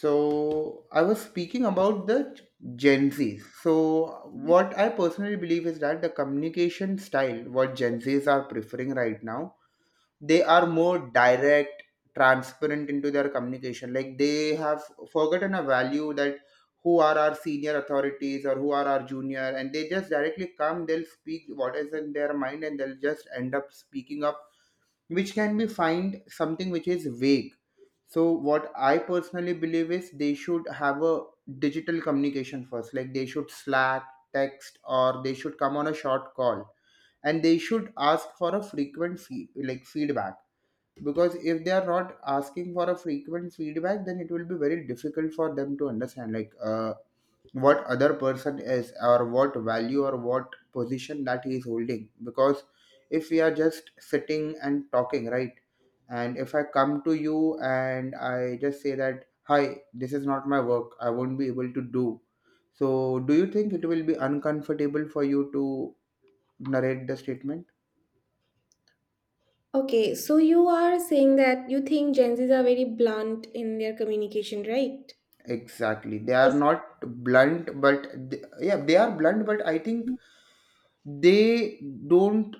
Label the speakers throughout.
Speaker 1: So I was speaking about the Gen Zs. So what I personally believe is that the communication style what Gen Zs are preferring right now, they are more direct, transparent into their communication. Like they have forgotten a value that who are our senior authorities or who are our junior, and they just directly come. They'll speak what is in their mind, and they'll just end up speaking up which can be find something which is vague. So what I personally believe is they should have a digital communication first, like they should Slack, text, or they should come on a short call, and they should ask for a frequent like feedback. Because if they are not asking for a frequent feedback, then it will be very difficult for them to understand, like, what other person is, or what value, or what position that he is holding. Because if we are just sitting and talking, right, and if I come to you and I just say that, hi, this is not my work, I won't be able to do. So do you think it will be uncomfortable for you to narrate the statement?
Speaker 2: Okay, so you are saying that you think Gen Zs are very blunt in their communication, right?
Speaker 1: Exactly, they are
Speaker 2: Yes.
Speaker 1: not blunt, but yeah, they are blunt, but I think they don't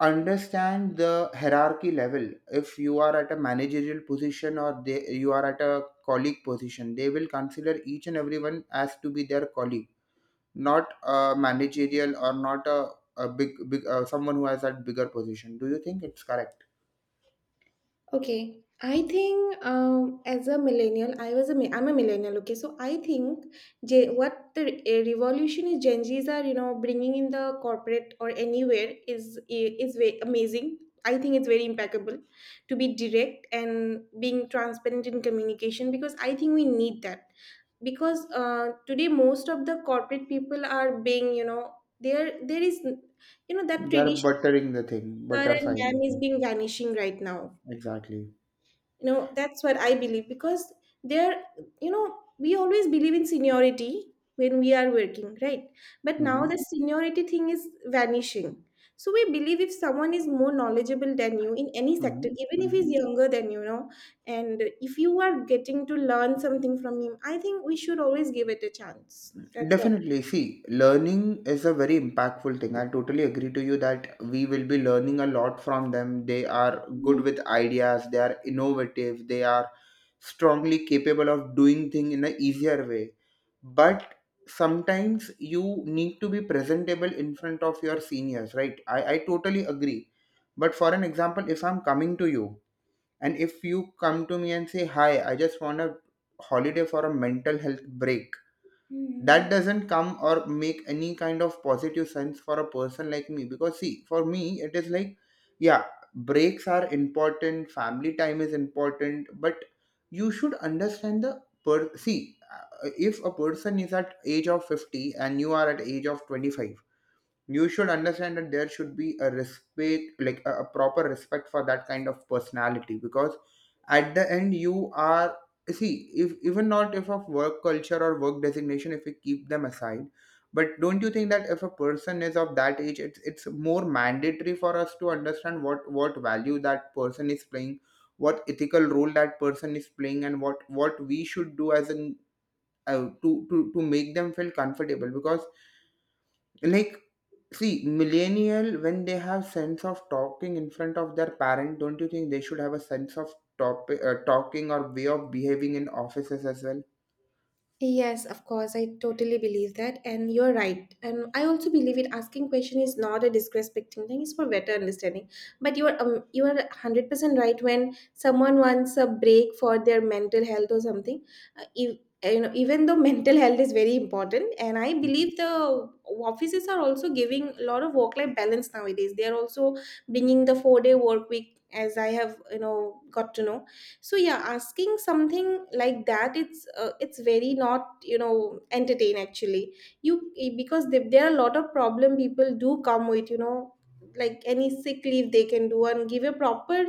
Speaker 1: understand the hierarchy level. If you are at a managerial position, or they you are at a colleague position, they will consider each and everyone as to be their colleague, not a managerial, or not a, a big someone who has that bigger position. Do you think it's correct?
Speaker 2: Okay, I think as a millennial, I'm a millennial. Okay, so I think J- what the re- eh, revolution is Gen Zs are bringing in the corporate or anywhere is is very amazing. I think it's very impeccable to be direct and being transparent in communication, because I think we need that, because today most of the corporate people are being, there is, that
Speaker 1: They're
Speaker 2: traditional
Speaker 1: buttering the thing,
Speaker 2: sir and
Speaker 1: butterflying the
Speaker 2: ma'am is
Speaker 1: thing.
Speaker 2: being vanishing right now.
Speaker 1: Exactly.
Speaker 2: You know, that's what I believe, because there, you know we always believe in seniority when we are working, right? But now
Speaker 1: Mm-hmm.
Speaker 2: the seniority thing is vanishing. So we believe if someone is more knowledgeable than you in any
Speaker 1: Mm-hmm.
Speaker 2: sector, even if
Speaker 1: Mm-hmm.
Speaker 2: he's younger than, and if you are getting to learn something from him, I think we should always give it a chance. That's what.
Speaker 1: Definitely. See, learning is a very impactful thing. I totally agree to you that we will be learning a lot from them. They are good with ideas, they are innovative, they are strongly capable of doing things in an easier way. But sometimes you need to be presentable in front of your seniors, right? I totally agree. But for an example, if I'm coming to you and if you come to me and say, hi, I just want a holiday for a mental health break.
Speaker 2: Hmm.
Speaker 1: That doesn't come or make any kind of positive sense for a person like me, because see, for me it is like, yeah, breaks are important, family time is important, but you should understand the per see, if a person is at age of 50 and you are at age of 25, you should understand that there should be a respect, like a proper respect for that kind of personality. Because at the end, you are see, if even not if of work culture or work designation, if we keep them aside, but don't you think that if a person is of that age, it's more mandatory for us to understand what value that person is playing, what ethical role that person is playing, and what we should do as an to make them feel comfortable. Because like, see, millennial, when they have sense of talking in front of their parent, don't you think they should have a sense of talking, or way of behaving in offices as well?
Speaker 2: Yes, of course. I totally believe that. And you're right. And I also believe it, asking question is not a disrespecting thing. It's for better understanding. But you're 100% right when someone wants a break for their mental health or something. If, even though mental health is very important, and I believe the offices are also giving a lot of work-life balance nowadays. They are also bringing the 4-day work week, as I have got to know. So yeah, asking something like that, it's very not, entertain actually. Because there are a lot of problem people do come with, like any sick leave they can do and give a proper,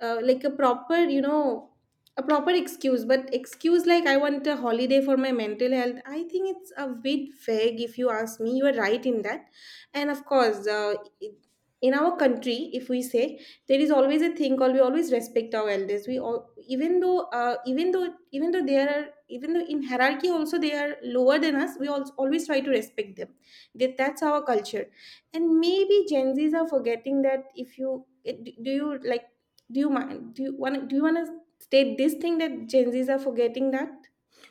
Speaker 2: like a proper, a proper excuse. But excuse like, I want a holiday for my mental health, I think it's a bit vague if you ask me. You are right in that. And of course, it- in our country, if we say, there is always a thing called, we always respect our elders. We all, even though, even though they are even though in hierarchy also they are lower than us, we also always try to respect them. That's our culture. And maybe Gen Z's are forgetting that. If you it- do you like Do you mind? Do you want to state this thing that Gen Zs are forgetting that?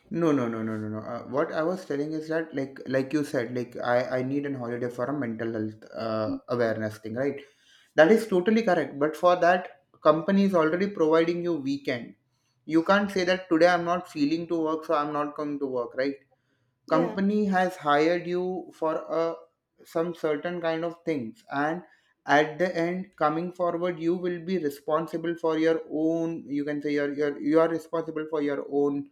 Speaker 1: No, no, no, no, no, no. What I was telling is that, like you said, like I need an holiday for a mental health awareness thing, right? That is totally correct. But for that, company is already providing you weekend. You can't say that today I'm not feeling to work, so I'm not going to work, right?
Speaker 2: Yeah.
Speaker 1: Company has hired you for a some certain kind of things, and at the end coming forward, you will be responsible for your own. You can say you are responsible for your own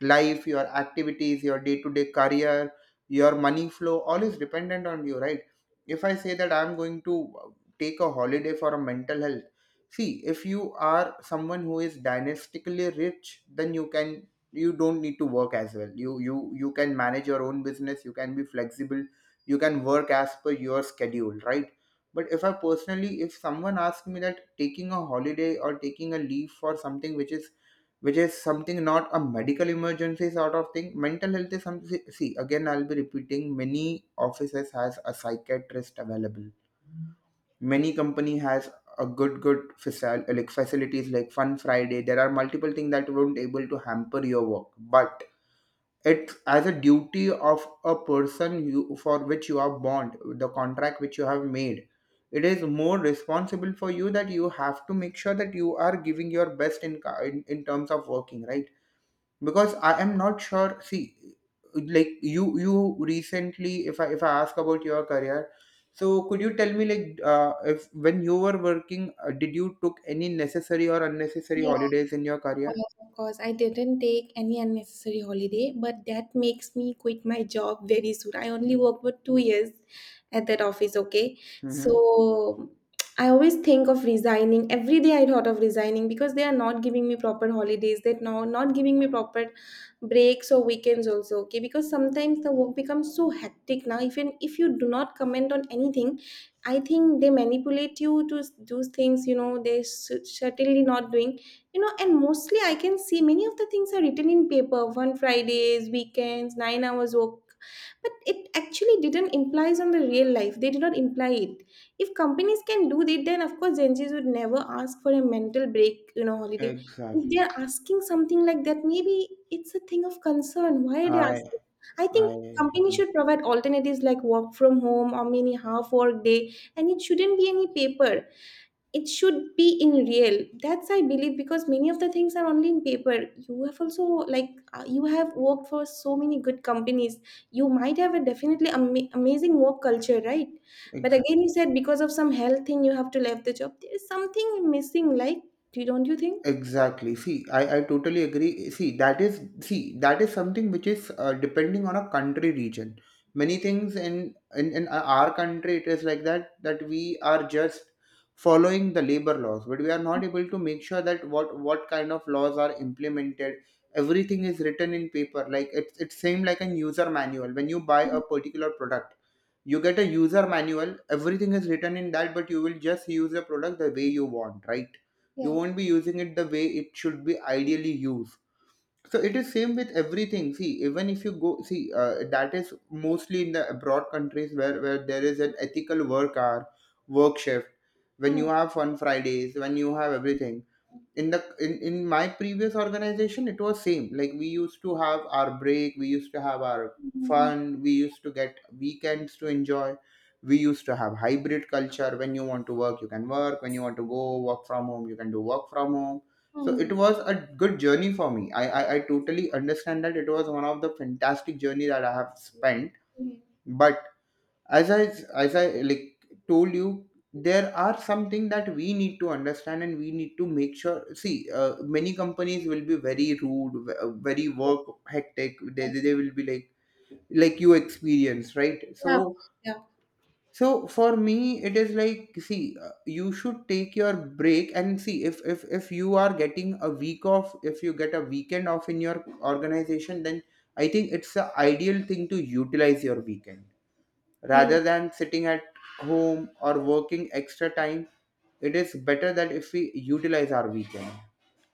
Speaker 1: life, your activities, your day to day career, your money flow, all is dependent on you, right? If I say that I'm going to take a holiday for a mental health, see, if you are someone who is dynastically rich, then you don't need to work as well. You can manage your own business, you can be flexible, you can work as per your schedule, right? But if I personally, if someone asks me that taking a holiday or taking a leave for something which is something not a medical emergency sort of thing. Mental health is something, see, again I'll be repeating, many offices has a psychiatrist available, many company has a good like facilities, like Fun Friday. There are multiple things that won't able to hamper your work. But it's as a duty of a person, you for which you are bond, the contract which you have made, it is more responsible for you that you have to make sure that you are giving your best in terms of working, right? Because I am not sure, see, like you recently, if I ask about your career, so could you tell me, like, if when you were working, did you took any necessary or unnecessary holidays in your career?
Speaker 2: Of course. I didn't take any unnecessary holiday, but that makes me quit my job very soon. I only worked for 2 years at that office, okay?
Speaker 1: Mm-hmm.
Speaker 2: So I always think of resigning. Every day I thought of resigning because they are not giving me proper holidays. They're not giving me proper breaks or weekends also, okay? Because sometimes the work becomes so hectic now. Even if you do not comment on anything, I think they manipulate you to do things, you know, they certainly not doing, and mostly I can see many of the things are written in paper. One fridays, weekends, 9 hours work, but it actually didn't implies on the real life. They did not imply it. If companies can do that, then of course Gen Zs would never ask for a mental break, holiday. If
Speaker 1: Exactly,
Speaker 2: they're asking something like that, maybe it's a thing of concern. Why are they asking? I
Speaker 1: I
Speaker 2: think
Speaker 1: I
Speaker 2: companies should provide alternatives like work from home or many half work day, and it shouldn't be any paper, it should be in real. That's, I believe, because many of the things are only in paper. You have also, you have worked for so many good companies. You might have a definitely amazing work culture, right? But again,
Speaker 1: exactly.
Speaker 2: you said, because of some health thing you have to leave the job, there is something missing, like, do don't you think?
Speaker 1: Exactly. See, I totally agree. See, that is, something which is, depending on a country region. Many things in our country, it is like that, that we are just following the labor laws, but we are not able to make sure that what kind of laws are implemented. Everything is written in paper. Like, it's same like a user manual. When you buy a particular product, you get a user manual. Everything is written in that, but you will just use the product the way you want, right? You
Speaker 2: Yeah.
Speaker 1: won't be using it the way it should be ideally used. So it is same with everything, see, even if you go, see, that is mostly in the abroad countries, where there is an ethical work hour, work shift. When
Speaker 2: Hmm.
Speaker 1: you have Fun Fridays, when you have everything, in my previous organization, it was same, like we used to have our break, we used to have our
Speaker 2: Hmm.
Speaker 1: fun, we used to get weekends to enjoy, we used to have hybrid culture. When you want to work, you can work, when you want to go work from home, you can do work from home. So
Speaker 2: Hmm.
Speaker 1: it was a good journey for me. I totally understand that it was one of the fantastic journey that I have spent.
Speaker 2: Hmm.
Speaker 1: But as i as I like told you, there are something that we need to understand, and we need to make sure, see, many companies will be very rude, very work hectic. they, they
Speaker 2: Yes.
Speaker 1: they will be like you experience, right?
Speaker 2: Yeah.
Speaker 1: so
Speaker 2: Yeah.
Speaker 1: so for me it is like, see, you should take your break. And see, if you are getting a week off, if you get a weekend off in your organization, then I think it's the ideal thing to utilize your weekend, rather than sitting at home or working extra time. It is better that if we utilize our weekend.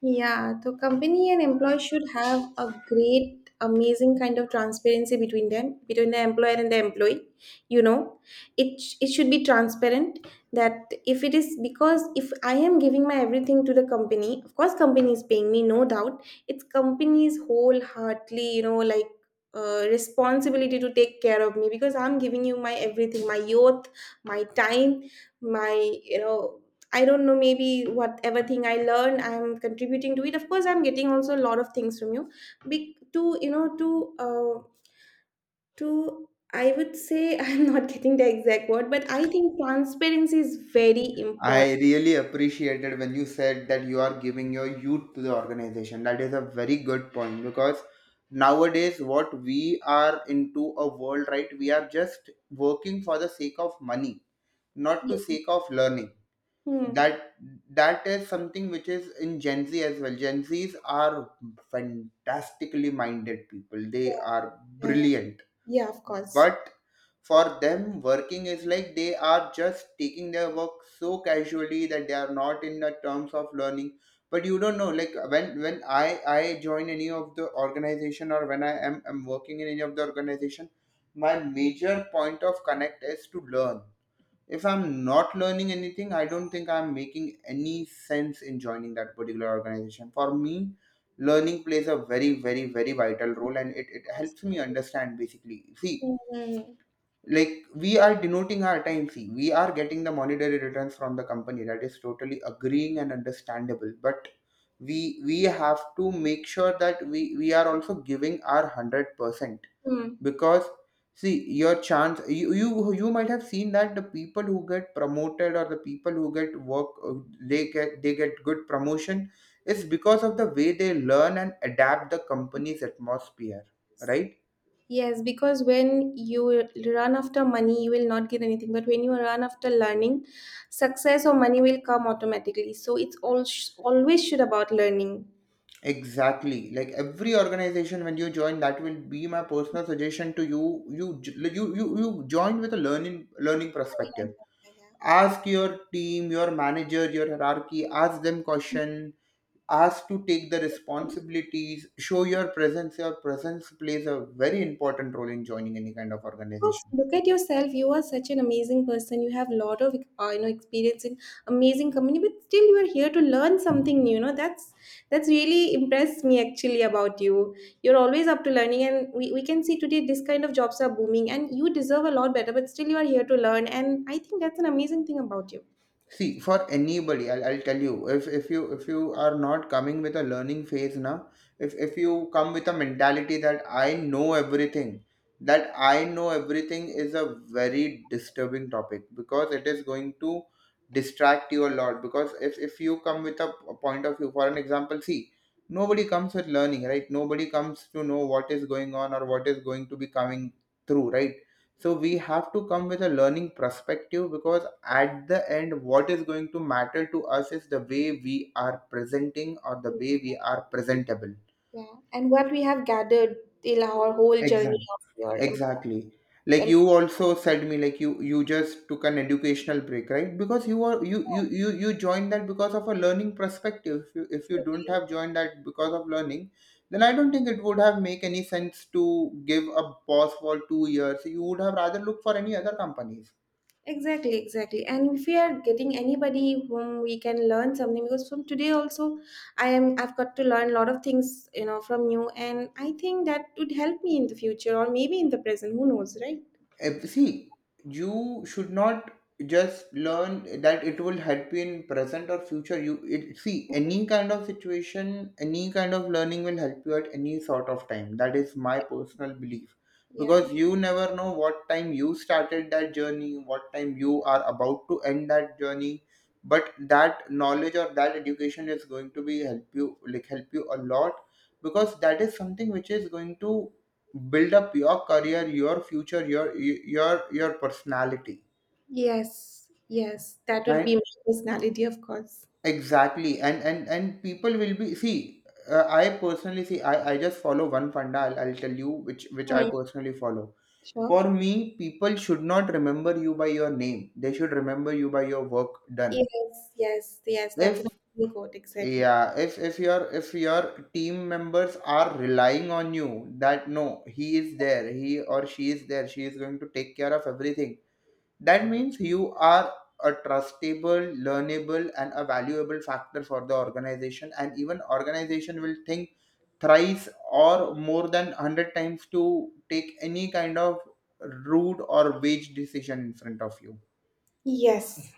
Speaker 2: Yeah, the company and employee should have a great, amazing kind of transparency between them, between the employer and the employee. You know, it should be transparent, that, if it is, because if I am giving my everything to the company, of course, company is paying me, no doubt. It's company's wholeheartedly, you know, like, responsibility to take care of me, because I'm giving you my everything, my youth, my time, my you know I don't know, maybe whatever thing I learn, I'm contributing to it. Of course, I'm getting also a lot of things from you. Be- to you know, to I would say I'm not getting the exact word, but I think transparency is very important.
Speaker 1: I really appreciated when you said that you are giving your youth to the organization. That is a very good point, because nowadays, what we are into a world, right? We are just working for the sake of money, not to
Speaker 2: Yeah.
Speaker 1: sake of learning.
Speaker 2: Hmm.
Speaker 1: that that is something which is in Gen Z as well. Gen Z's are fantastically minded people. They are
Speaker 2: Yeah, yeah,
Speaker 1: brilliant,
Speaker 2: yeah. Yeah, of course.
Speaker 1: but for them working is like they are just taking their work so casually that they are not in the terms of learning. But you don't know, like, when I join any of the organization, or when I am working in any of the organization, my major point of connect is to learn. If I'm not learning anything, I don't think I'm making any sense in joining that particular organization. For me, learning plays a very, very, very vital role, and it
Speaker 2: Of course.
Speaker 1: helps me understand. Basically, see,
Speaker 2: Hmm.
Speaker 1: like we are denoting our time. See, we are getting the monetary returns from the company. That is totally agreeing and understandable, but we have to make sure that we are also giving our 100%.
Speaker 2: Hmm.
Speaker 1: Because, see, your chance, you might have seen that the people who get promoted or the people who get work, they get good promotion, is because of the way they learn and adapt the company's atmosphere, right?
Speaker 2: Yes, because when you run after money, you will not get anything. But when you run after learning, success or money will come automatically. So it's all always should about learning.
Speaker 1: Exactly. Like every organization when you join, that will be my personal suggestion to you. You join with a learning
Speaker 2: Yeah,
Speaker 1: perspective.
Speaker 2: yeah,
Speaker 1: Ask your team, your manager, your hierarchy. Ask them
Speaker 2: yeah,
Speaker 1: question. Asked to take the
Speaker 2: yeah.
Speaker 1: responsibilities. Show your presence. Your presence plays a very important role in joining any kind of
Speaker 2: course,
Speaker 1: organization.
Speaker 2: look at yourself. You are such an amazing person. You have a lot of, experience in amazing company, but still you are here to learn something new. You know that's really impressed me actually about you. You're always up to learning, and we can see today this kind of jobs are booming, and you deserve a lot better. But still, you are here to learn, and I think that's an amazing thing about you.
Speaker 1: See, for anybody, I'll tell you, if you are not coming with a learning phase now, if you come with a mentality that I know everything, that I know everything is a very disturbing topic because it is going to distract you a lot. Because if you come with a point of view, for an example, see, nobody comes with learning, right? Nobody comes to know what is going on or what is going to be coming through, right? So we have to come with a learning perspective, because at the end what is going to matter to us is the way we are presenting or the way we are presentable.
Speaker 2: Yeah, and what we have gathered till our whole journey
Speaker 1: Exactly,
Speaker 2: of your employment.
Speaker 1: exactly. Like you also said me, like you just took an educational break, right? Because you are you you you, you joined that because of a learning perspective. If you don't have joined that because of learning, then I don't think it would have make any sense to give a pause for 2 years. You would have rather looked for any other companies.
Speaker 2: Exactly, exactly. And if we are getting anybody whom we can learn something, because from today also, I've got to learn a lot of things, from you, and I think that would help me in the future or maybe in the present. Who knows, right?
Speaker 1: See, you should not just learn that it will help you in present or future. See, any kind of situation, any kind of learning will help you at any sort of time. That is my personal belief,
Speaker 2: Yeah. Yeah.
Speaker 1: because you never know what time you started that journey, what time you are about to end that journey. But that knowledge or that education is going to be help you, like help you a lot, because that is something which is going to build up your career, your future, your personality.
Speaker 2: Yes, yes, that would be my
Speaker 1: And
Speaker 2: personality, of course.
Speaker 1: exactly, and people will be, see, I personally see, I just follow one funda. I'll tell you which I
Speaker 2: Right.
Speaker 1: personally follow.
Speaker 2: Sure.
Speaker 1: For me, people should not remember you by your name. They should remember you by your work done.
Speaker 2: Yes, yes, yes.
Speaker 1: If
Speaker 2: That's an amazing quote. Exactly.
Speaker 1: Yeah. If your team members are relying on you, that no, he is there, he or she is there, she is going to take care of everything. That means you are a trustable, learnable, and a valuable factor for the organization, and even organization will think thrice or more than 100 times to take any kind of rude or wage decision in front of you.
Speaker 2: Yes.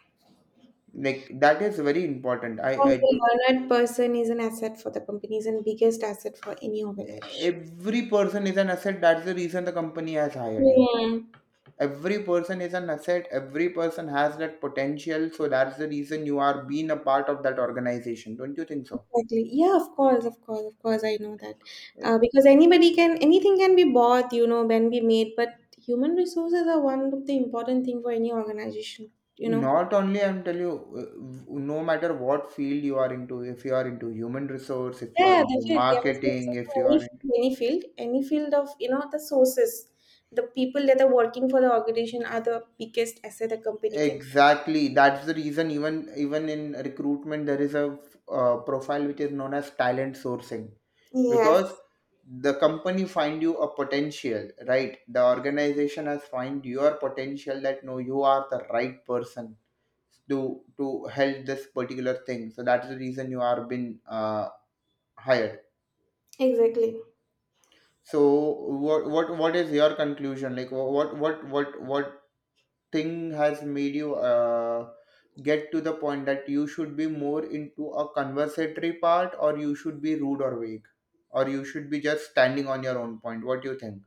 Speaker 1: Like that is very important. I
Speaker 2: Because
Speaker 1: do.
Speaker 2: a learned person is an asset for the company, is an biggest asset for any organization.
Speaker 1: Every person is an asset. That's the reason the company has hired you.
Speaker 2: Yeah.
Speaker 1: Every person is an asset. Every person has that potential. So that's the reason you are being a part of that organization. Don't you think so?
Speaker 2: Exactly. Yeah, of course, of course, of course. I know that. Because anything can be bought, can be made, but human resources are one of the important thing for any organization.
Speaker 1: Not only I'm telling you, no matter what field you are into, if you are into human resource, if you are
Speaker 2: Yeah,
Speaker 1: into
Speaker 2: definitely. I'm saying so
Speaker 1: marketing,
Speaker 2: for
Speaker 1: if you are
Speaker 2: any,
Speaker 1: in,
Speaker 2: any field, of, the sources, the people that are working for the organization are the biggest asset a company can.
Speaker 1: exactly, that's the reason. Even in recruitment, there is a profile which is known as talent sourcing. Because
Speaker 2: Yes,
Speaker 1: the company find you a potential, right? The organization has find your potential, that no, you are the right person to to help this particular thing. So that's the reason you are been uh, hired.
Speaker 2: exactly.
Speaker 1: So what is your conclusion? Like what thing has made you get to the point that you should be more into a conversatory part, or you should be rude or vague, or you should be just standing on your own point? What do you think?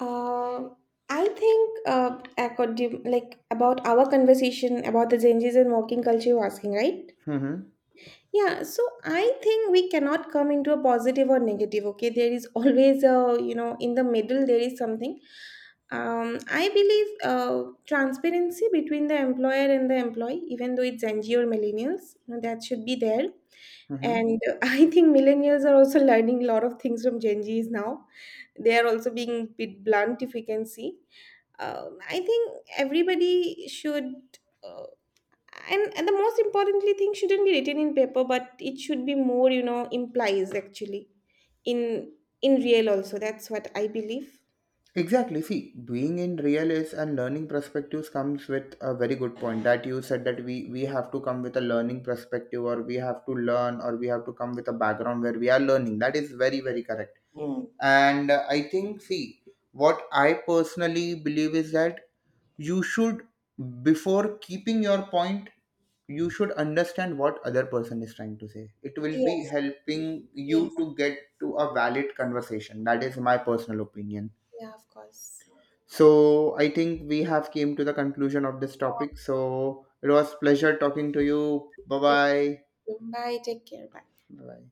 Speaker 2: Uh, I think, according, like, about our conversation about the changes in working culture, you're asking, right?
Speaker 1: Mm-hmm.
Speaker 2: Yeah, so I think we cannot come into a positive or negative, okay? There is always in the middle, there is something. I believe, transparency between the employer and the employee, even though it's NGO or millennials, that should be there.
Speaker 1: Mm-hmm.
Speaker 2: And I think millennials are also learning a lot of things from Gen Zs now. They are also being a bit blunt, if we can see. I think everybody should. uh, and the most importantly thing shouldn't be written in paper, but it should be more, implies actually, in in real also. That's what I believe.
Speaker 1: Exactly. See, being in real is and learning perspectives comes with a very good point that you said that we have to come with a learning perspective, or we have to learn, or we have to come with a background where we are learning. That is very, very correct.
Speaker 2: Mm.
Speaker 1: And I think, see, what I personally believe is that you should, before keeping your point, you should understand what other person is trying to say. It will
Speaker 2: Yes.
Speaker 1: be helping you
Speaker 2: Yes.
Speaker 1: to get to a valid conversation. That is my personal opinion.
Speaker 2: Yeah, of course.
Speaker 1: So I think we have came to the conclusion of this topic. So it was pleasure talking to you. Bye
Speaker 2: Pleasure.
Speaker 1: bye.
Speaker 2: Bye, take care, bye.
Speaker 1: Bye bye.